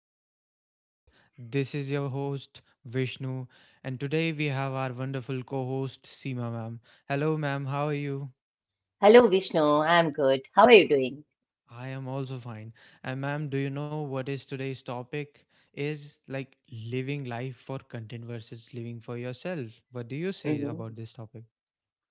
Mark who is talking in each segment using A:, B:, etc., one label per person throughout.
A: the podcast. This is your host, Vishnu, and today we have our wonderful co host, Seema, ma'am. Hello, ma'am. How are you?
B: Hello, Vishnu. I'm good. How are you doing?
A: I am also fine. And, ma'am, do you know what is today's topic? Is like living life for content versus living for yourself. What do you say
B: hmm
A: about this topic?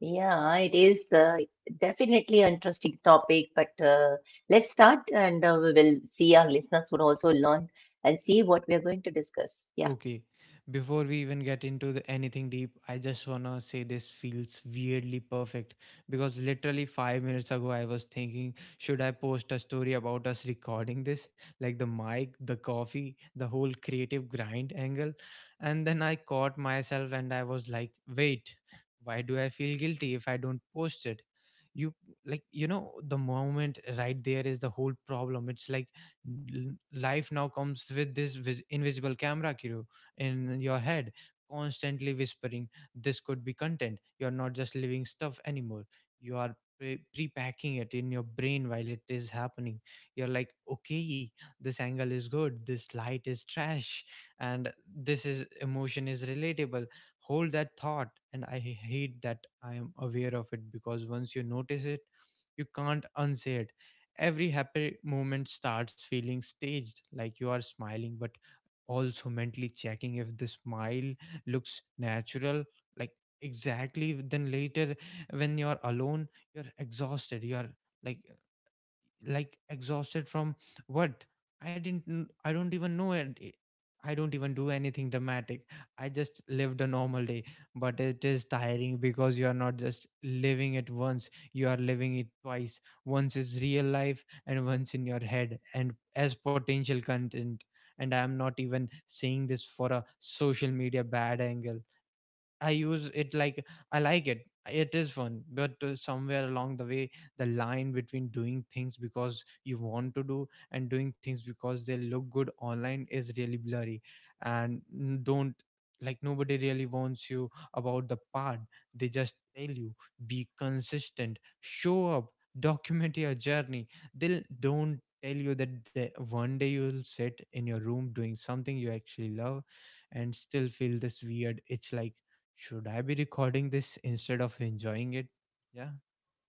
B: Yeah, it is definitely an interesting topic, but let's start and we will see. Our listeners would also learn and see what we are going to discuss. Yeah.
A: Okay, before we even get into the anything deep, I just wanna say this feels weirdly perfect because literally 5 minutes ago I was thinking, should I post a story about us recording this, like the mic, the coffee, the whole creative grind angle? And then I caught myself and I was like, wait, why do I feel guilty if I don't post it? You like, the moment right there is the whole problem. It's like life now comes with this invisible camera crew in your head constantly whispering, this could be content. You're not just living stuff anymore, you are pre-packing it in your brain while it is happening. You're like, okay, this angle is good, this light is trash, and this is emotion is relatable, hold that thought. And I hate that I am aware of it, because once you notice it, you can't unsay it. Every happy moment starts feeling staged, like you are smiling, but also mentally checking if the smile looks natural. Like, exactly, then later when you're alone, you're exhausted, you're like like exhausted from what? I didn't kn- I don't even know, and I don't even do anything dramatic. I just lived a normal day, but it is tiring because you are not just living it once, you are living it twice, once is real life and once in your head and as potential content. And I am not even saying this for a social media bad angle. I use it, like, I like it. It is fun, but somewhere along the way, the line between doing things because you want to do and doing things because they look good online is really blurry. And don't, like, nobody really wants you about the part. They just tell you, be consistent, show up, document your journey. They don't tell you that the, one day you'll sit in your room doing something you actually love and still feel this weird itch, like, should I be recording this instead of enjoying it? Yeah.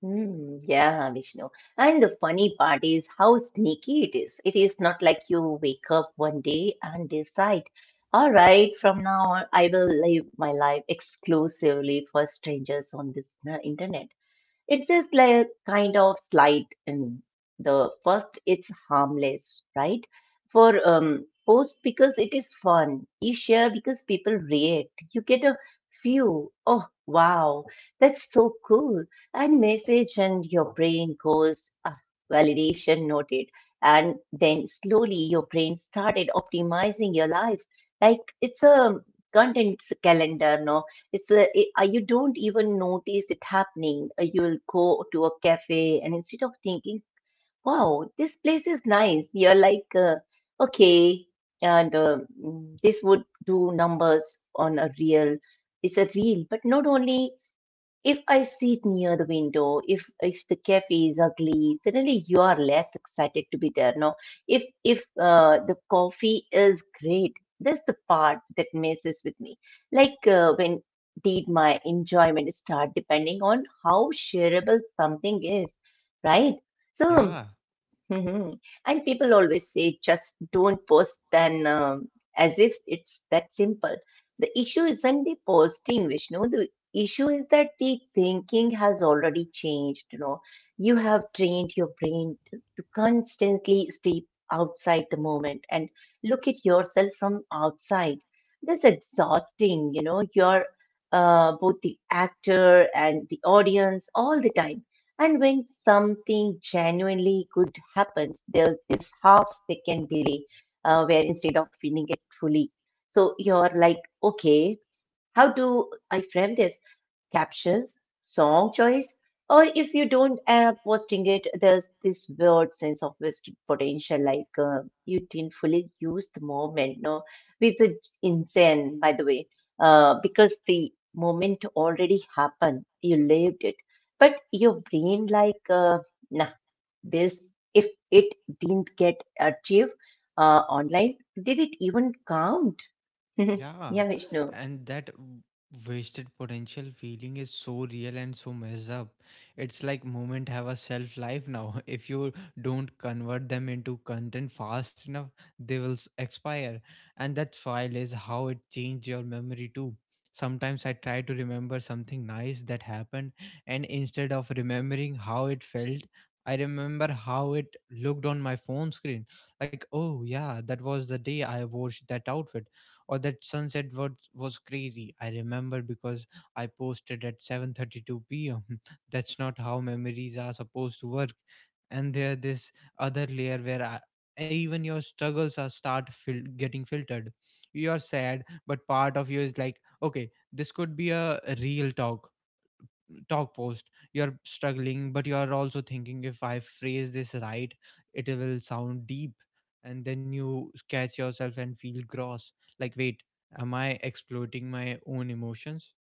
B: Hmm. Yeah, Vishnu, and the funny part is how sneaky it is. It is not like you wake up one day and decide, all right, from now on, I will live my life exclusively for strangers on this internet. It's just like kind of slight in the first, it's harmless, right? For post because it is fun. You share because people react. You get a few, oh wow, that's so cool, and message, and your brain goes, ah, validation noted. And then slowly your brain started optimizing your life. Like it's a content calendar, no? You don't even notice it happening. You will go to a cafe, and instead of thinking, "Wow, this place is nice," you're like, "Okay," and this would do numbers on a real. It's a real, but not only if I sit near the window, if the cafe is ugly, suddenly you are less excited to be there. No, if the coffee is great, that's the part that messes with me. Like when did my enjoyment start depending on how shareable something is, right? So.
A: Yeah.
B: Mhm. And people always say, just don't post, then, as if it's that simple. The issue isn't the posting, Vishnu. The issue is that the thinking has already changed. You know, you have trained your brain to constantly stay outside the moment and look at yourself from outside. That's exhausting. You know, you're both the actor and the audience all the time. And when something genuinely good happens, there's this half second delay where instead of feeling it fully, so you're like, okay, how do I frame this? Captions, song choice, or if you don't posting it, there's this weird sense of wasted potential, like you didn't fully use the moment. No, with the insane, by the way, because the moment already happened, you lived it, but your brain like, nah, this, if it didn't get achieved online, did it even count?
A: Yeah,
B: Yeah, Vishnu.
A: and that wasted potential feeling is so real and so messed up. It's like moment have a shelf life now. If you don't convert them into content fast enough, they will expire. And that file is how it changed your memory too. Sometimes I try to remember something nice that happened, and instead of remembering how it felt, I remember how it looked on my phone screen. Like, oh yeah, that was the day I wore that outfit or that sunset was crazy. I remember because I posted at 7:32 p.m. That's not how memories are supposed to work. And there this other layer where I, even your struggles are start getting filtered. You are sad, but part of you is like, okay, this could be a real talk post. You're struggling, but you are also thinking, if I phrase this right, it will sound deep. And then you catch yourself and feel gross, like, wait, am I exploiting my own emotions?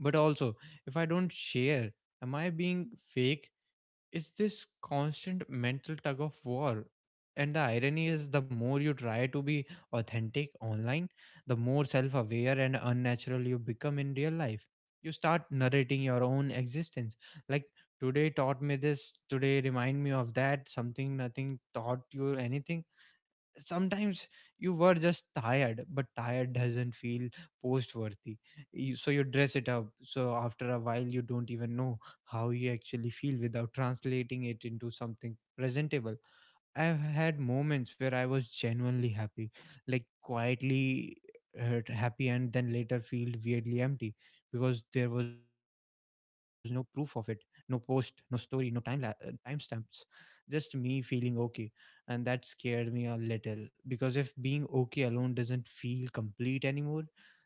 A: But also, if I don't share, am I being fake? It's this constant mental tug of war. And the irony is, the more you try to be authentic online, the more self aware and unnatural you become in real life. You start narrating your own existence. Like, today taught me this, today remind me of that, something, nothing taught you anything sometimes. You were just tired, but tired doesn't feel post worthy, so you dress it up. So after a while you don't even know how you actually feel without translating it into something presentable. I've had moments where I was genuinely happy, like quietly happy, and then later feel weirdly empty because there was no proof of it, no post, no story, no timestamps, just me feeling okay, and that scared me a little, because if being okay alone doesn't feel complete anymore,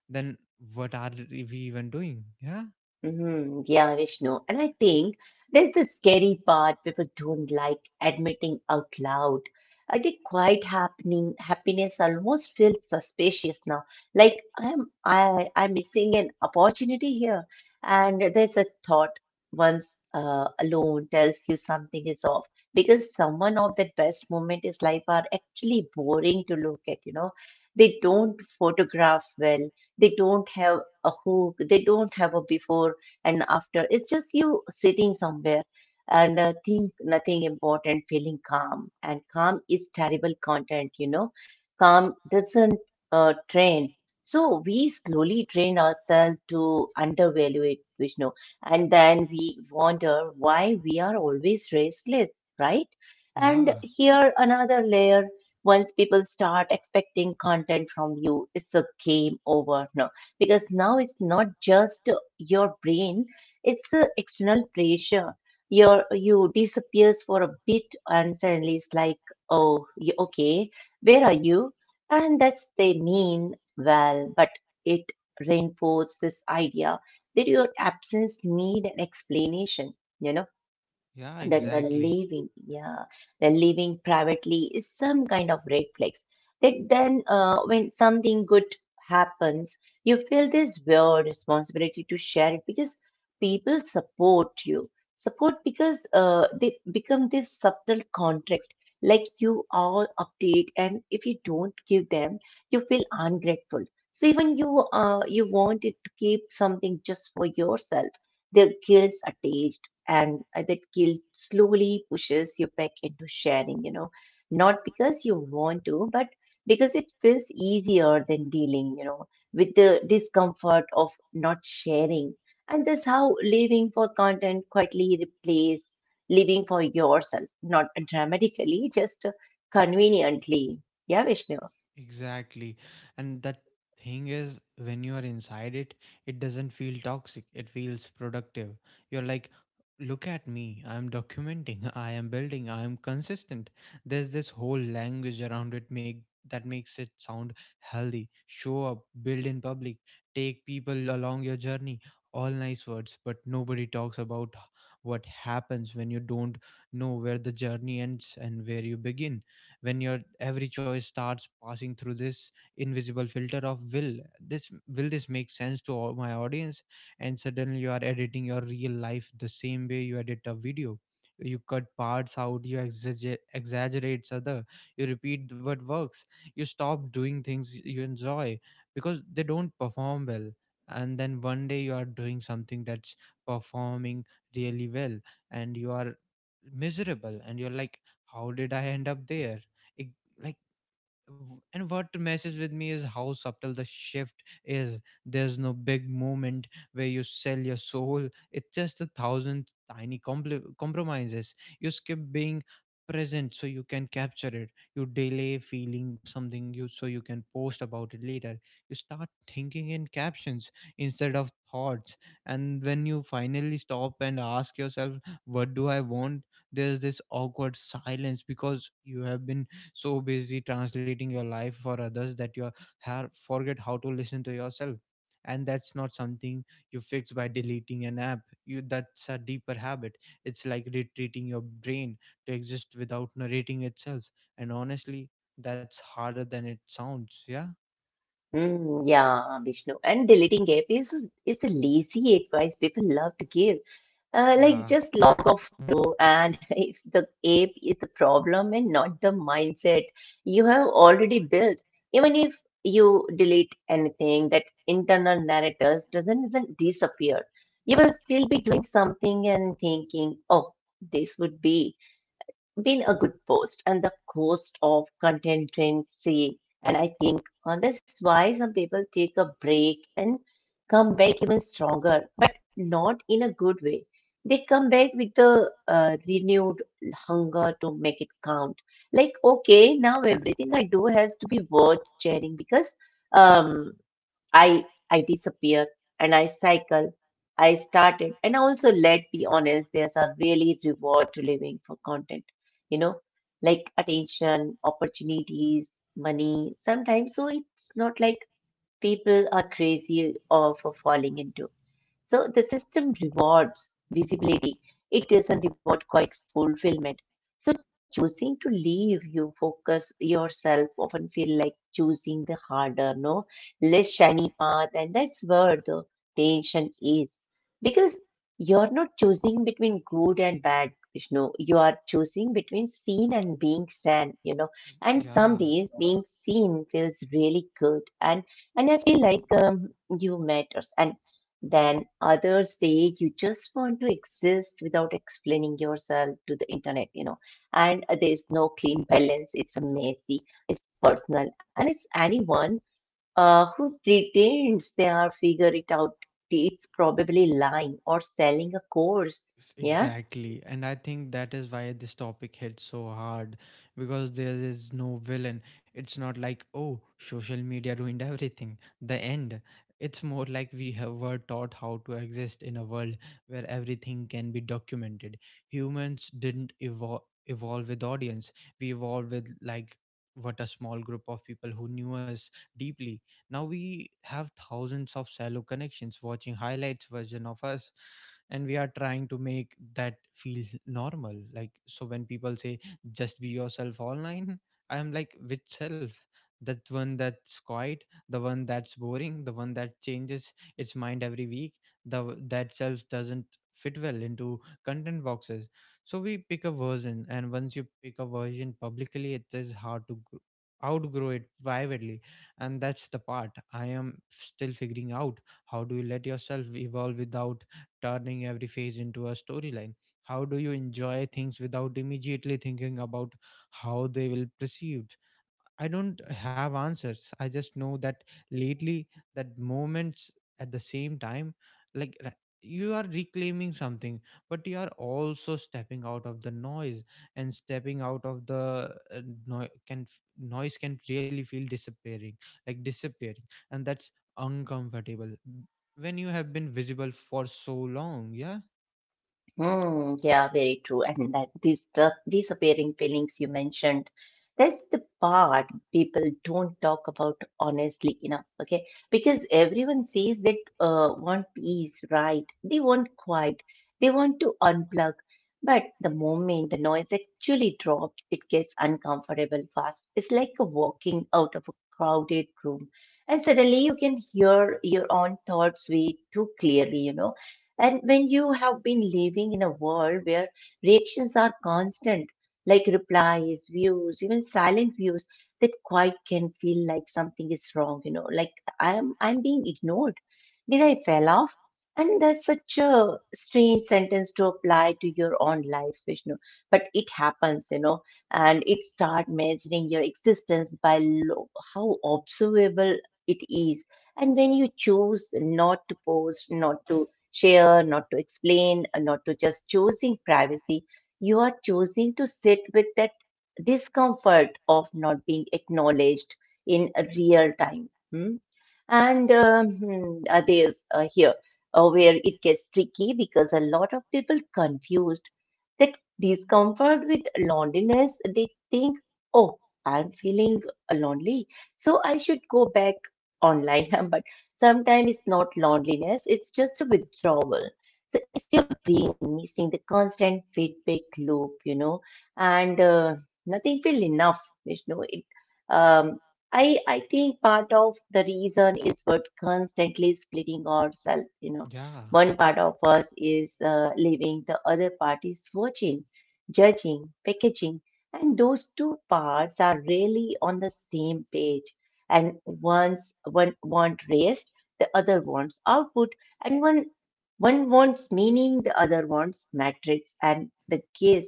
A: then what are we even doing? Yeah,
B: Yeah, Vishnu. And I think there's the scary part people don't like admitting out loud. I think quite happening happiness almost feels suspicious now. Like I'm missing an opportunity here. And there's a thought once alone tells you something is off because someone of that best moment is life are actually boring to look at, you know. They don't photograph well. They don't have a hook. They don't have a before and after. It's just you sitting somewhere and think nothing important, feeling calm. And calm is terrible content, you know. Calm doesn't train. So we slowly train ourselves to undervalue it, Vishnu. And then we wonder why we are always restless, right? And
A: yeah,
B: here another layer, once people start expecting content from you, it's a game over. No, because now it's not just your brain, it's the external pressure. Your you disappears for a bit and suddenly it's like, oh, okay, where are you? And that's, they mean well, but it reinforces this idea that your absence need an explanation, you know,
A: yeah,
B: that the
A: exactly.
B: living, yeah, the living privately is some kind of red flags. That then, when something good happens, you feel this weird responsibility to share it because people support you. Support because they become this subtle contract, like you all update, and if you don't give them, you feel ungrateful. So even you you wanted to keep something just for yourself, the guilt's attached, and that guilt slowly pushes you back into sharing, you know, not because you want to, but because it feels easier than dealing, you know, with the discomfort of not sharing. And that's how living for content quietly replaces living for yourself, not dramatically, just conveniently. Yeah, Vishnu.
A: Exactly. And that thing is, when you are inside it, it doesn't feel toxic. It feels productive. You're like, look at me. I'm documenting. I am building. I am consistent. There's this whole language around it make that makes it sound healthy. Show up, build in public, take people along your journey. All nice words, but nobody talks about what happens when you don't know where the journey ends and where you begin, when your every choice starts passing through this invisible filter of, will this make sense to all my audience? And suddenly you are editing your real life the same way you edit a video. You cut parts out, you exaggerate other, you repeat what works, you stop doing things you enjoy because they don't perform well. And then one day you are doing something that's performing really well, and you are miserable, and you're like, how did I end up there? it, like, and what messes with me is how subtle the shift is. There's no big moment where you sell your soul. It's just a thousand tiny compli compromises. You skip being present so you can capture it. You delay feeling something you so you can post about it later. You start thinking in captions instead of thoughts. And when you finally stop and ask yourself, "What do I want?" there's this awkward silence, because you have been so busy translating your life for others that you have forget how to listen to yourself. And that's not something you fix by deleting an app. You That's a deeper habit. It's like retreating your brain to exist without narrating itself. And honestly, that's harder than it sounds. Yeah,
B: Mm, yeah, Vishnu. And deleting app is the lazy advice people love to give. Like,
A: yeah,
B: just log off, bro. And if the app is the problem and not the mindset you have already built, even if you delete anything, that internal narrator doesn't disappear. You will still be doing something and thinking, oh, this would be been a good post and the cost of contingency. And I think on this why some people take a break and come back even stronger, but not in a good way. They come back with the renewed hunger to make it count. Like, okay, now everything I do has to be worth sharing because um, I disappear and I cycle. I started. And also, let be honest, there's a really reward to living for content, you know, like attention, opportunities, money sometimes. So it's not like people are crazy or for falling into. So the system rewards visibility. It doesn't reward quite fulfillment. So choosing to leave you focus yourself often feel like choosing the harder, no, less shiny path, and that's where the tension is. Because you're not choosing between good and bad, Vishnu. You are choosing between seen and being seen, you know. And some
A: yeah,
B: days being seen feels really good. And I feel like you matters. And then others say you just want to exist without explaining yourself to the internet, you know. And there's no clean balance. It's messy, it's personal, and it's anyone who pretends they are figure it out. It's probably lying or selling a course. Yeah.
A: exactly. And I think that is why this topic hits so hard, because there is no villain. It's not like, oh, social media ruined everything, the end. It's more like we have were taught how to exist in a world where everything can be documented. Humans didn't evolve with audience. We evolved with, like, what, a small group of people who knew us deeply. Now we have thousands of shallow connections watching highlights version of us, and we are trying to make that feel normal. Like, so when people say, just be yourself online, I am like, which self? That one that's quiet, the one that's boring, the one that changes its mind every week? The that self doesn't fit well into content boxes. So we pick a version, and once you pick a version publicly, it is hard to outgrow it privately. And that's the part I am still figuring out. How do you let yourself evolve without turning every phase into a storyline? How do you enjoy things without immediately thinking about how they will perceived? I don't have answers. I just know that lately, that moments at the same time, like you are reclaiming something, but you are also stepping out of the noise, and stepping out of the noise can really feel disappearing, like disappearing, and that's uncomfortable when you have been visible for so long. Yeah,
B: Hmm, yeah, very true. And that these the disappearing feelings you mentioned, that's the part people don't talk about honestly enough, okay? Because everyone says that want peace, right? They want quiet, they want to unplug. But the moment the noise actually drops, it gets uncomfortable fast. It's like a walking out of a crowded room, and suddenly you can hear your own thoughts way too clearly, you know. And when you have been living in a world where reactions are constant, like replies, views, even silent views, that quite can feel like something is wrong, you know, like I'm being ignored. Did I fell off? And that's such a strange sentence to apply to your own life, Vishnu. But it happens, you know, and it start measuring your existence by how observable it is. And when you choose not to post, not to share, not to explain, not to just choosing privacy, you are choosing to sit with that discomfort of not being acknowledged in a real time. Hmm? And hmm, there's here where it gets tricky because a lot of people confused that discomfort with loneliness. They think, oh, I'm feeling lonely, so I should go back online. But sometimes it's not loneliness, it's just a withdrawal. So it's your brain missing the constant feedback loop, you know, and nothing feel enough, Vishnu. Um, I think part of the reason is what constantly splitting ourselves. You know,
A: yeah,
B: one part of us is living, the other part is watching, judging, packaging, and those two parts are really on the same page. And one wants rest, the other wants output, and one wants meaning, the other wants metrics and the gaze.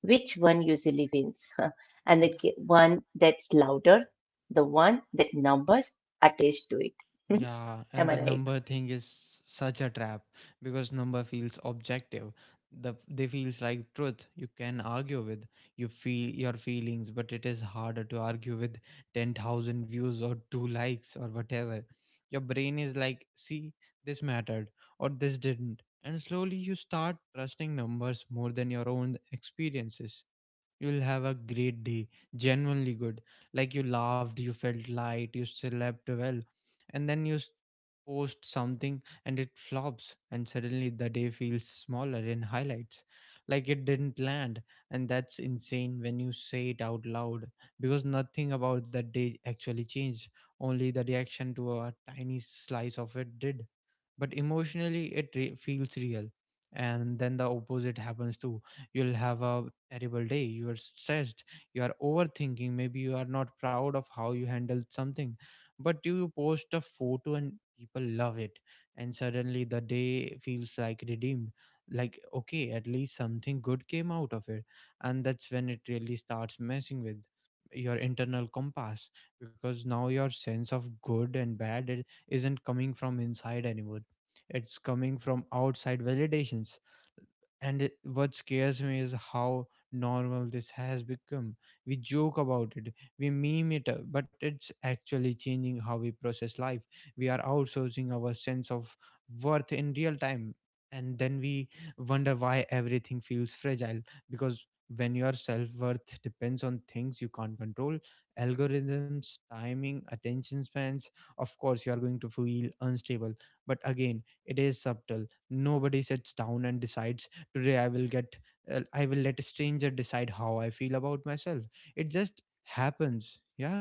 B: Which one usually wins? And
A: yeah,
B: the one that's louder, the one that numbers attached to it.
A: yeah, and
B: Am
A: the
B: I right?
A: number thing is such a trap, because number feels objective, they feels like truth you can argue with. You feel your feelings, but it is harder to argue with 10,000 views or 2 likes or whatever. Your brain is like, see, this mattered or this didn't. And slowly you start trusting numbers more than your own experiences. You'll have a great day, genuinely good. Like you laughed, you felt light, you slept well, and then you post something and it flops, and suddenly the day feels smaller in highlights, like it didn't land. And that's insane when you say it out loud because nothing about that day actually changed, only the reaction to a tiny slice of it did, but emotionally it feels real. And then the opposite happens too. You'll have a terrible day, you are stressed, you are overthinking, maybe you are not proud of how you handled something, but you post a photo and people love it, and suddenly the day feels like redeemed. Like, okay, at least something good came out of it. And that's when it really starts messing with your internal compass, because now your sense of good and bad, it isn't coming from inside anymore, it's coming from outside validations. And what scares me is how normal this has become. We joke about it, we meme it up, but it's actually changing how we process life. We are outsourcing our sense of worth in real time, and then we wonder why everything feels fragile, because when your self-worth depends on things you can't control, algorithms, timing, attention spans, of course you are going to feel unstable. But again, it is subtle. Nobody sits down and decides, today I will get I will let a stranger decide how I feel about myself. It just happens. Yeah.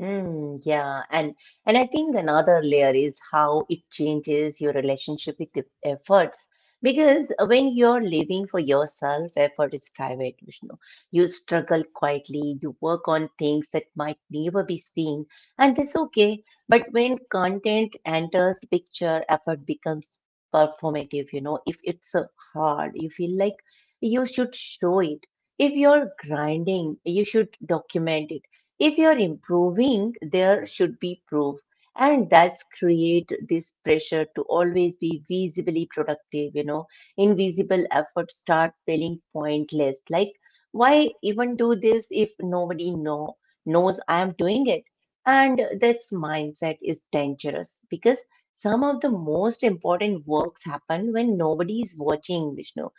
B: Mm, yeah, and I think another layer is how it changes your relationship with the efforts. Because when you're living for yourself, effort is private, Vishnu. You struggle quietly, you work on things that might never be seen, and that's okay. But when content enters the picture, effort becomes performative, you know. If it's hard, you feel like you should show it. If you're grinding, you should document it. If you're improving, there should be proof. And that's create this pressure to always be visibly productive, you know. Invisible efforts start feeling pointless. Like, why even do this if nobody knows I am doing it? And this mindset is dangerous because some of the most important works happen when nobody is watching, Vishnu.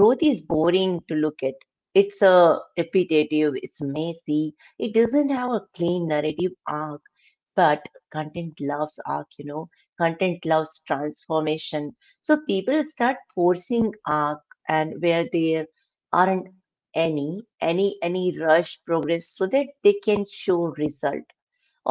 B: Growth is boring to look at. It's repetitive, it's messy, it doesn't have a clean narrative arc, but content loves arc, you know, content loves transformation. So people start forcing arc and where there aren't any rush progress so that they can show result,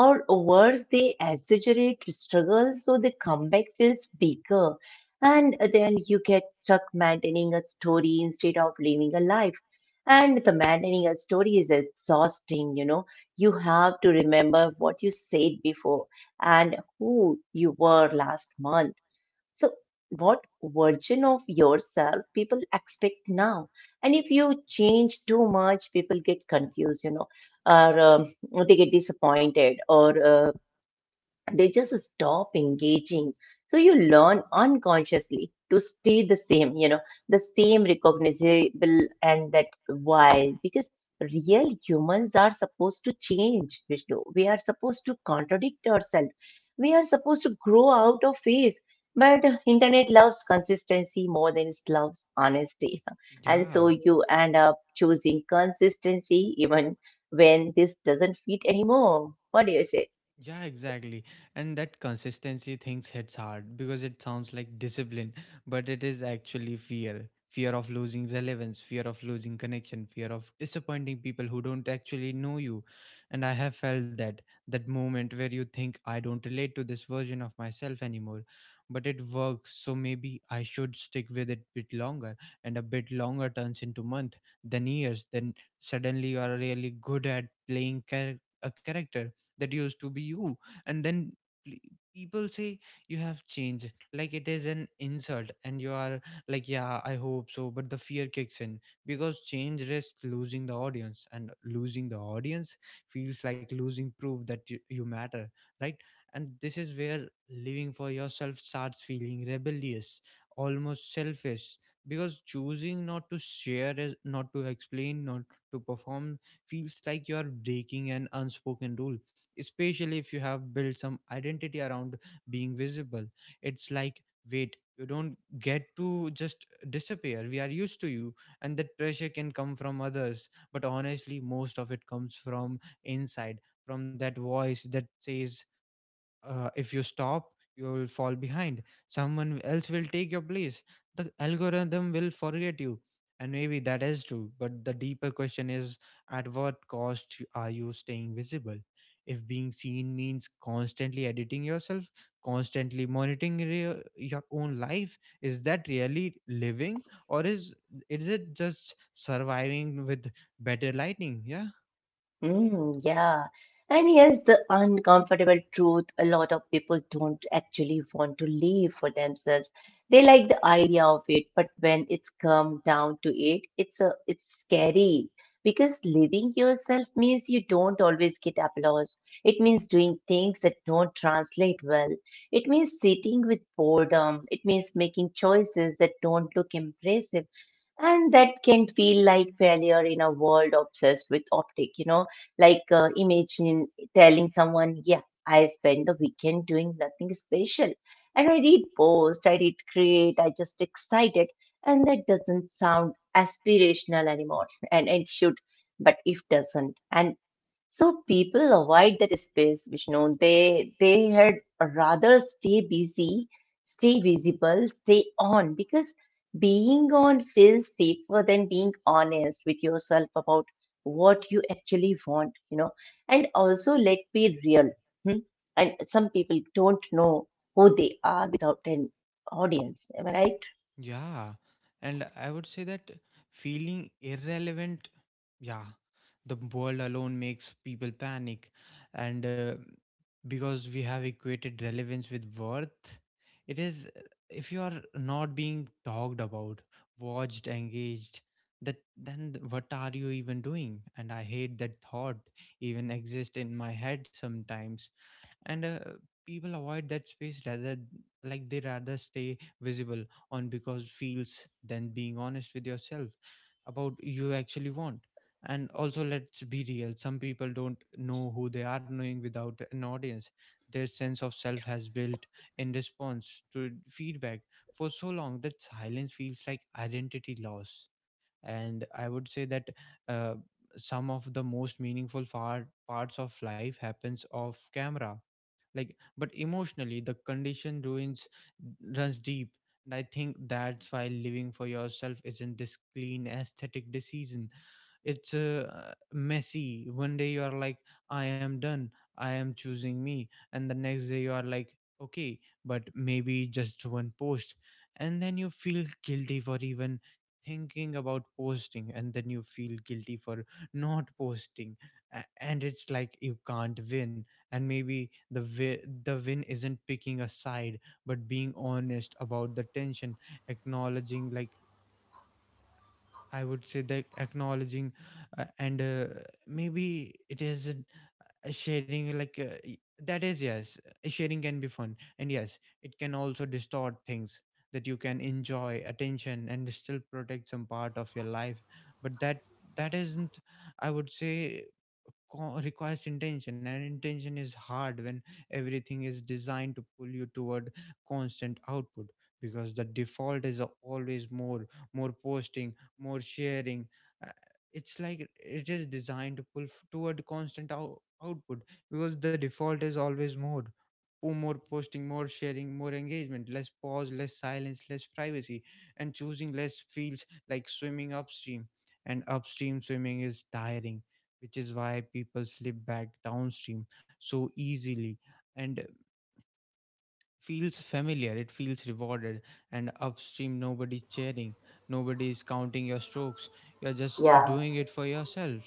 B: or worse, they exaggerate struggle so the comeback feels bigger. And then you get stuck maintaining a story instead of living a life. And the maintaining a story is exhausting, you know. You have to remember what you said before and who you were last month. So, what version of yourself people expect now? And if you change too much, people get confused, you know, or they get disappointed, or they just stop engaging. So you learn unconsciously to stay the same, you know, the same recognizable. And that why? Because real humans are supposed to change, Vishnu. We are supposed to contradict ourselves, we are supposed to grow out of phase, but internet loves consistency more than it loves honesty. And so
A: Yeah.
B: you end up choosing consistency even when this doesn't fit anymore. What do you say?
A: Yeah, exactly. And that consistency things hits hard because it sounds like discipline, but it is actually fear. Fear of losing relevance, fear of losing connection, fear of disappointing people who don't actually know you. And I have felt that, that moment where you think, I don't relate to this version of myself anymore, but it works. So maybe I should stick with it bit longer, and a bit longer turns into month, then years, then suddenly you are really good at playing a character that used to be you. And then pl- people say you have changed like it is an insult, and you are like, yeah, I hope so. But the fear kicks in, because change risks losing the audience, and losing the audience feels like losing proof that you matter, right? And this is where living for yourself starts feeling rebellious, almost selfish, because choosing not to explain, not to perform, feels like you are breaking an unspoken rule, especially if you have built some identity around being visible. It's like, wait, you don't get to just disappear. We are used to you. And that pressure can come from others, but honestly, most of it comes from inside, from that voice that says, if you stop, you will fall behind, someone else will take your place, the algorithm will forget you. And maybe that is true, but the deeper question is, at what cost are you staying visible? If being seen means constantly editing yourself, constantly monitoring your own life, is that really living, or is it just surviving with better lighting? Yeah.
B: Mm, yeah. And here's the uncomfortable truth. A lot of people don't actually want to live for themselves. They like the idea of it, but when it's come down to it, it's scary because living yourself means you don't always get applause. It means doing things that don't translate well. It means sitting with boredom. It means making choices that don't look impressive, and that can feel like failure in a world obsessed with optic, you know, like imagine telling someone, yeah, I spent the weekend doing nothing special, and I did post, I did create, I just excited. And that doesn't sound aspirational anymore, and it should, but if doesn't. And so people avoid that space, Vishnu. They had rather stay busy, stay visible, stay on because being on feels safer than being honest with yourself about what you actually want, you know. And also, let be real. Hmm? And some people don't know who they are without an audience. Am I right?
A: Yeah, and I would say that, feeling irrelevant, yeah, the world alone makes people panic. And because we have equated relevance with worth, it is if you are not being talked about, watched, engaged, that then th- what are you even doing? And I hate that thought even exist in my head sometimes. And people avoid that space, rather, like they rather stay visible, on because feels, than being honest with yourself about you actually want. And also, let's be real, some people don't know who they are knowing without an audience. Their sense of self has built in response to feedback for so long that silence feels like identity loss. And I would say that, uh, some of the most meaningful far parts of life happens off camera. Like, but emotionally, the condition ruins runs deep. And I think that's why living for yourself isn't this clean aesthetic decision. It's messy. One day you are like, I am done, I am choosing me, and the next day you are like, okay, but maybe just one post. And then you feel guilty for even thinking about posting, and then you feel guilty for not posting. And it's like, you can't win. And maybe the win isn't picking a side, but being honest about the tension, acknowledging, like, I would say that acknowledging, and maybe it is, sharing, like, that is, yes, sharing can be fun, and yes, it can also distort things, that you can enjoy attention and still protect some part of your life. But that, that isn't, I would say, requires intention. And intention is hard when everything is designed to pull you toward constant output, because the default is always more, more posting, more sharing. It's like it is designed to pull toward constant output, because the default is always more. More posting, more sharing, more engagement, less pause, less silence, less privacy. And choosing less feels like swimming upstream, and upstream swimming is tiring, which is why people slip back downstream so easily. And feels familiar, it feels rewarded. And upstream, nobody's cheering, nobody's counting your strokes, you're just doing it for yourself.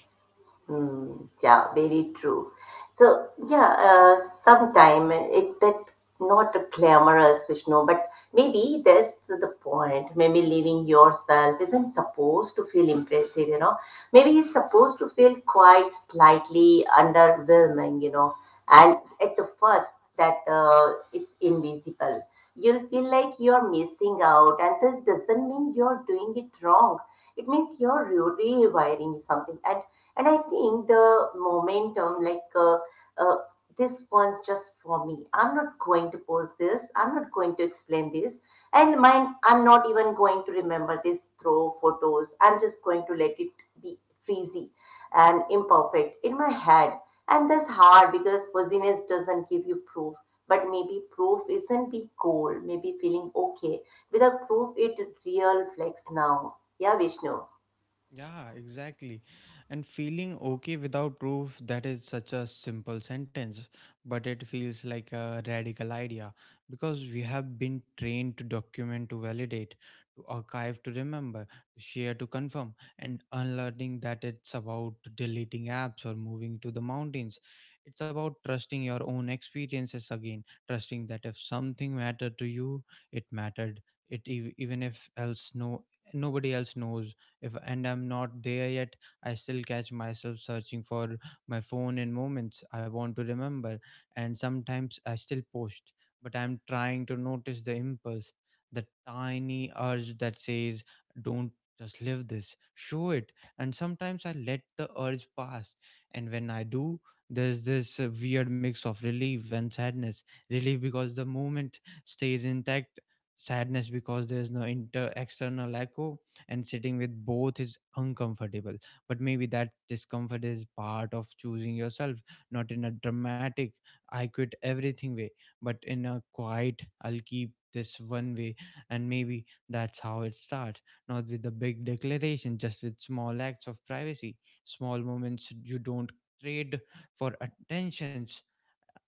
A: Yeah, exactly. And feeling okay without proof, that is such a simple sentence, but it feels like a radical idea, because we have been trained to document, to validate, to archive, to remember, to share, to confirm, and unlearning that it's about deleting apps or moving to the mountains. It's about trusting your own experiences again, trusting that if something mattered to you, it mattered. Even if else no nobody else knows. If And I'm not there yet, I still catch myself searching for my phone in moments I want to remember. And sometimes I still post, but I'm trying to notice the impulse, the tiny urge that says, don't just live this, show it. And sometimes I let the urge pass, and when I do, there's this weird mix of relief and sadness. Relief because the moment stays intact, sadness because there's no inter external echo. And sitting with both is uncomfortable. But maybe that discomfort is part of choosing yourself, not in a dramatic, I quit everything way, but in a quiet, I'll keep this one way. And maybe that's how it starts, not with a big declaration, just with small acts of privacy, small moments you don't trade for attentions.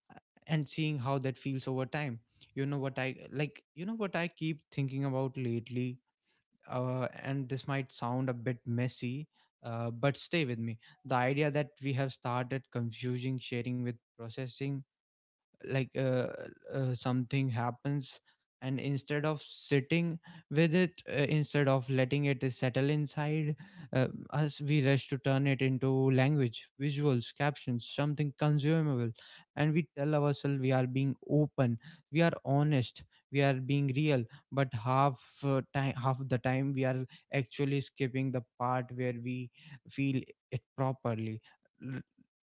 A: uh, and seeing how that feels over time. You know what I like, you know what I keep thinking about lately, and this might sound a bit messy, but stay with me. The idea that we have started confusing sharing with processing. Like, something happens, and instead of sitting with it, instead of letting it settle inside us, we rush to turn it into language, visuals, captions, something consumable. And we tell ourselves we are being open, we are honest, we are being real, but half the time we are actually skipping the part where we feel it properly. L-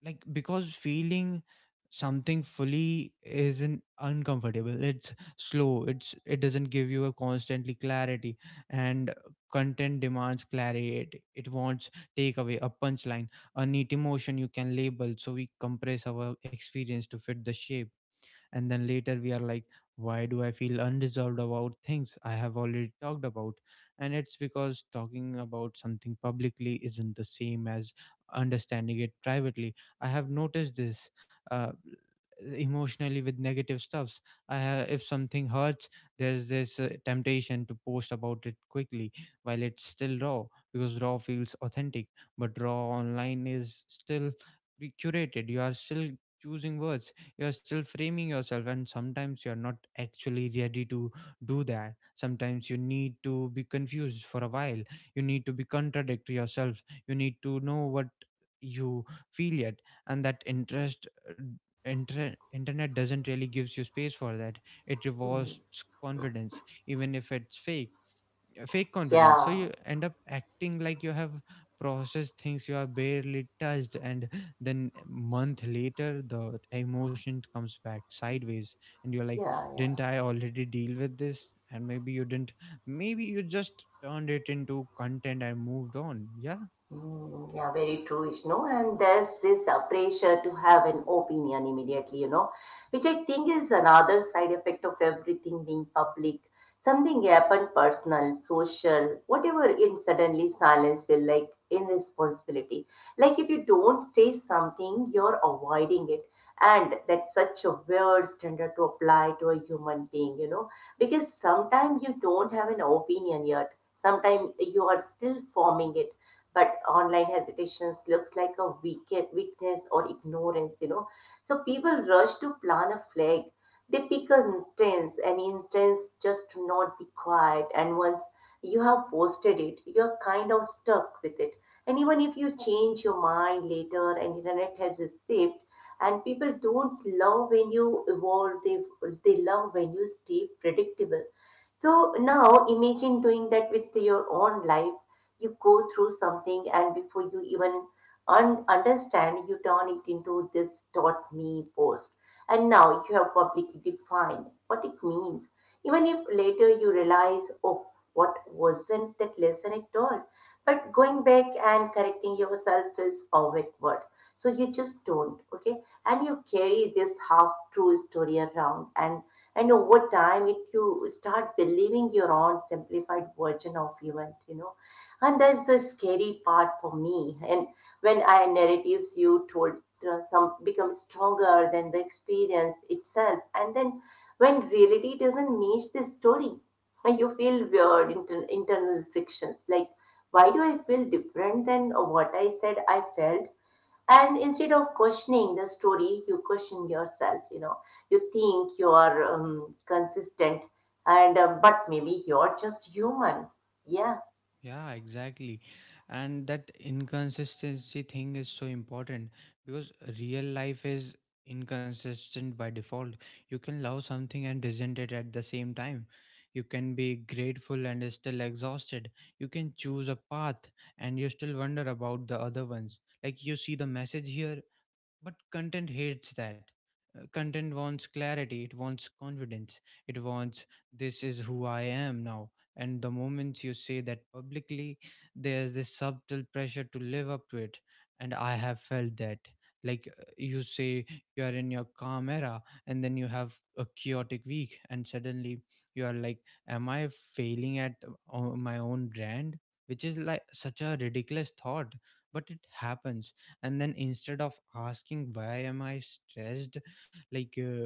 A: like, because feeling something fully isn't uncomfortable, it's slow, it doesn't give you a constantly clarity. And content demands clarity, it wants takeaway, a punchline, a neat emotion you can label. So we compress our experience to fit the shape, and then later we are like, why do I feel unresolved about things I have already talked about? And it's because talking about something publicly isn't the same as understanding it privately. I have noticed this, uh, emotionally, with negative stuffs. If something hurts, there's this temptation to post about it quickly while it's still raw, because raw feels authentic. But raw online is still curated. You are still choosing words, you're still framing yourself, and sometimes you're not actually ready to do that. Sometimes you need to be confused for a while, you need to be contradict yourself, you need to know what you feel yet. And that internet doesn't really gives you space for that. It rewards confidence even if it's fake, fake confidence. So you end up acting like you have processed things you are barely touched, and then month later the emotion comes back sideways and you're like, didn't I already deal with this? And maybe you didn't, maybe you just turned it into content and moved on. Yeah. Yeah, exactly. And that inconsistency thing is so important because real life is inconsistent by default. You can love something and resent it at the same time. You can be grateful and is still exhausted. You can choose a path and you still wonder about the other ones. Like, you see the message here, but content hates that. Content wants clarity, it wants confidence, it wants, this is who I am now. And the moment you say that publicly, there's this subtle pressure to live up to it. And I have felt that. Like, you say you are in your calm era, and then you have a chaotic week, and suddenly you are like, am I failing at my own brand? Which is like such a ridiculous thought, but it happens. And then, instead of asking, why am I stressed, like,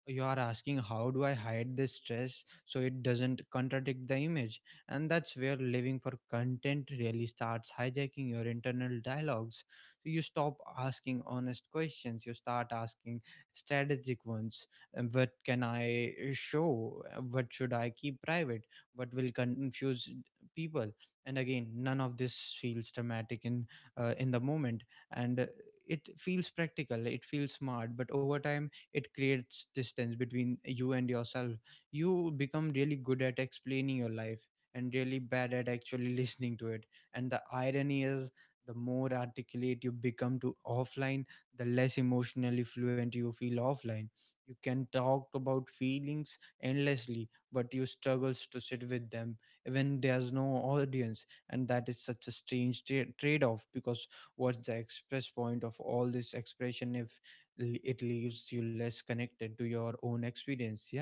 A: you are asking, how do I hide this stress so it doesn't contradict the image? And that's where living for content really starts hijacking your internal dialogues. So you stop asking honest questions, you start asking strategic ones. And what can I show? What should I keep private? What will confuse people? And again, none of this feels dramatic in, in the moment. And it feels practical, it feels smart, but over time it creates distance between you and yourself. You become really good at explaining your life and really bad at actually listening to it. And the irony is, the more articulate you become to offline, the less emotionally fluent you feel offline. You can talk about feelings endlessly, but you struggles to sit with them when there's no audience. And that is such a strange trade-off, because what's the express point of all this expression if it leaves you less connected to your own experience? Yeah.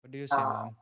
A: What do you say, ma'am?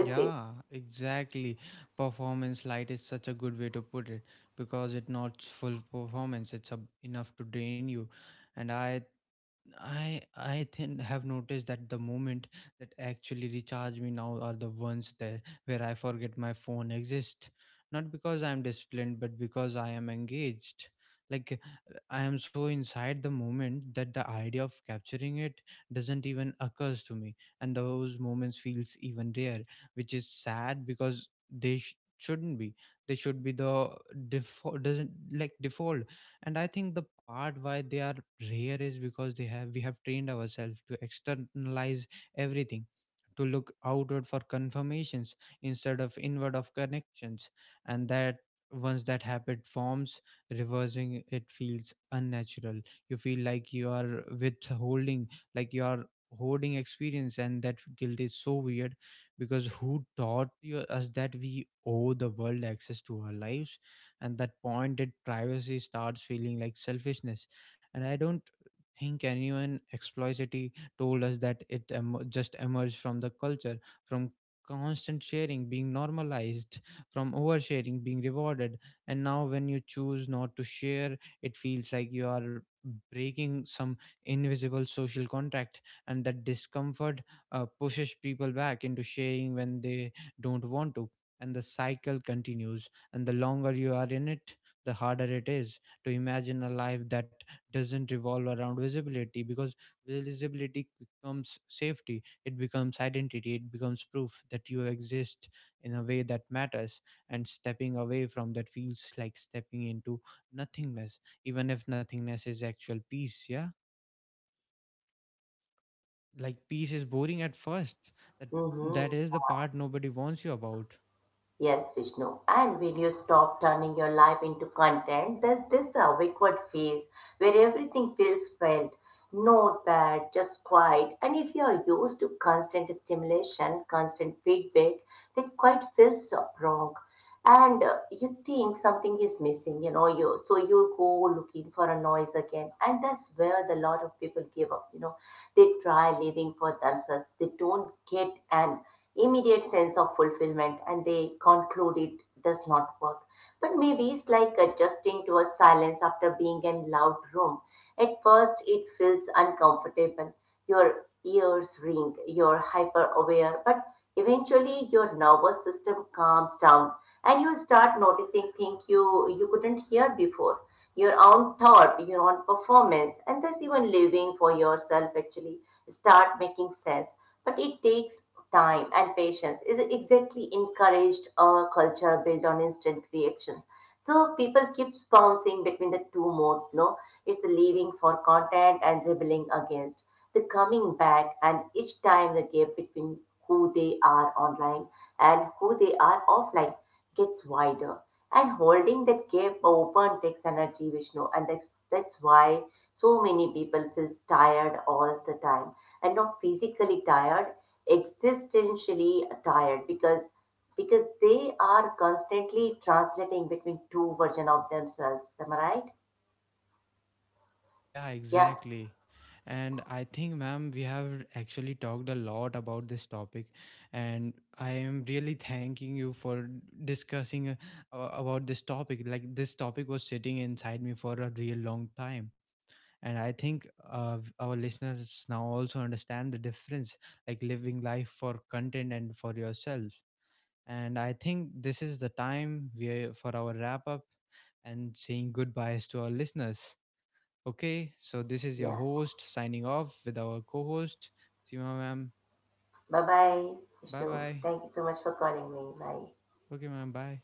A: Yeah, exactly. Performance light is such a good way to put it, because it's not full performance, it's enough to drain you. And I then have noticed that the moment that actually recharge me now are the ones there where I forget my phone exists. Not because I am disciplined, but because I am engaged. Like, I am so inside the moment that the idea of capturing it doesn't even occurs to me, and those moments feels even rare, which is sad because they shouldn't be. They should be the default, doesn't like default. And I think the part why they are rare is because they have we have trained ourselves to externalize everything, to look outward for confirmations instead of inward of connections. And that once that habit forms, reversing it feels unnatural. You feel like you are withholding, like you are holding experience. And that guilt is so weird, because who taught us that we owe the world access to our lives? And that point, that privacy starts feeling like selfishness. And I don't think anyone explicitly told us that. It just emerged from the culture, from constant sharing being normalized, from oversharing being rewarded. And now, when you choose not to share, it feels like you are breaking some invisible social contract. And that discomfort pushes people back into sharing when they don't want to, and the cycle continues. And the longer you are in it, the harder it is to imagine a life that doesn't revolve around visibility, because visibility becomes safety, it becomes identity, it becomes proof that you exist in a way that matters. And stepping away from that feels like stepping into nothingness, even if nothingness is actual peace. Yeah, like peace is boring at first. That that is the part nobody warns you about. Yeah, exactly. And I think, ma'am, we have actually talked a lot about this topic, and I am really thanking you for discussing about this topic. Like, this topic was sitting inside me for a real long time, and I think our listeners now also understand the difference, like living life for content and for yourself. And I think this is the time we for our wrap up and saying goodbyes to our listeners. Okay, so this is your host signing off with our co host, Seema ma'am. Bye bye. Okay, ma'am. Bye.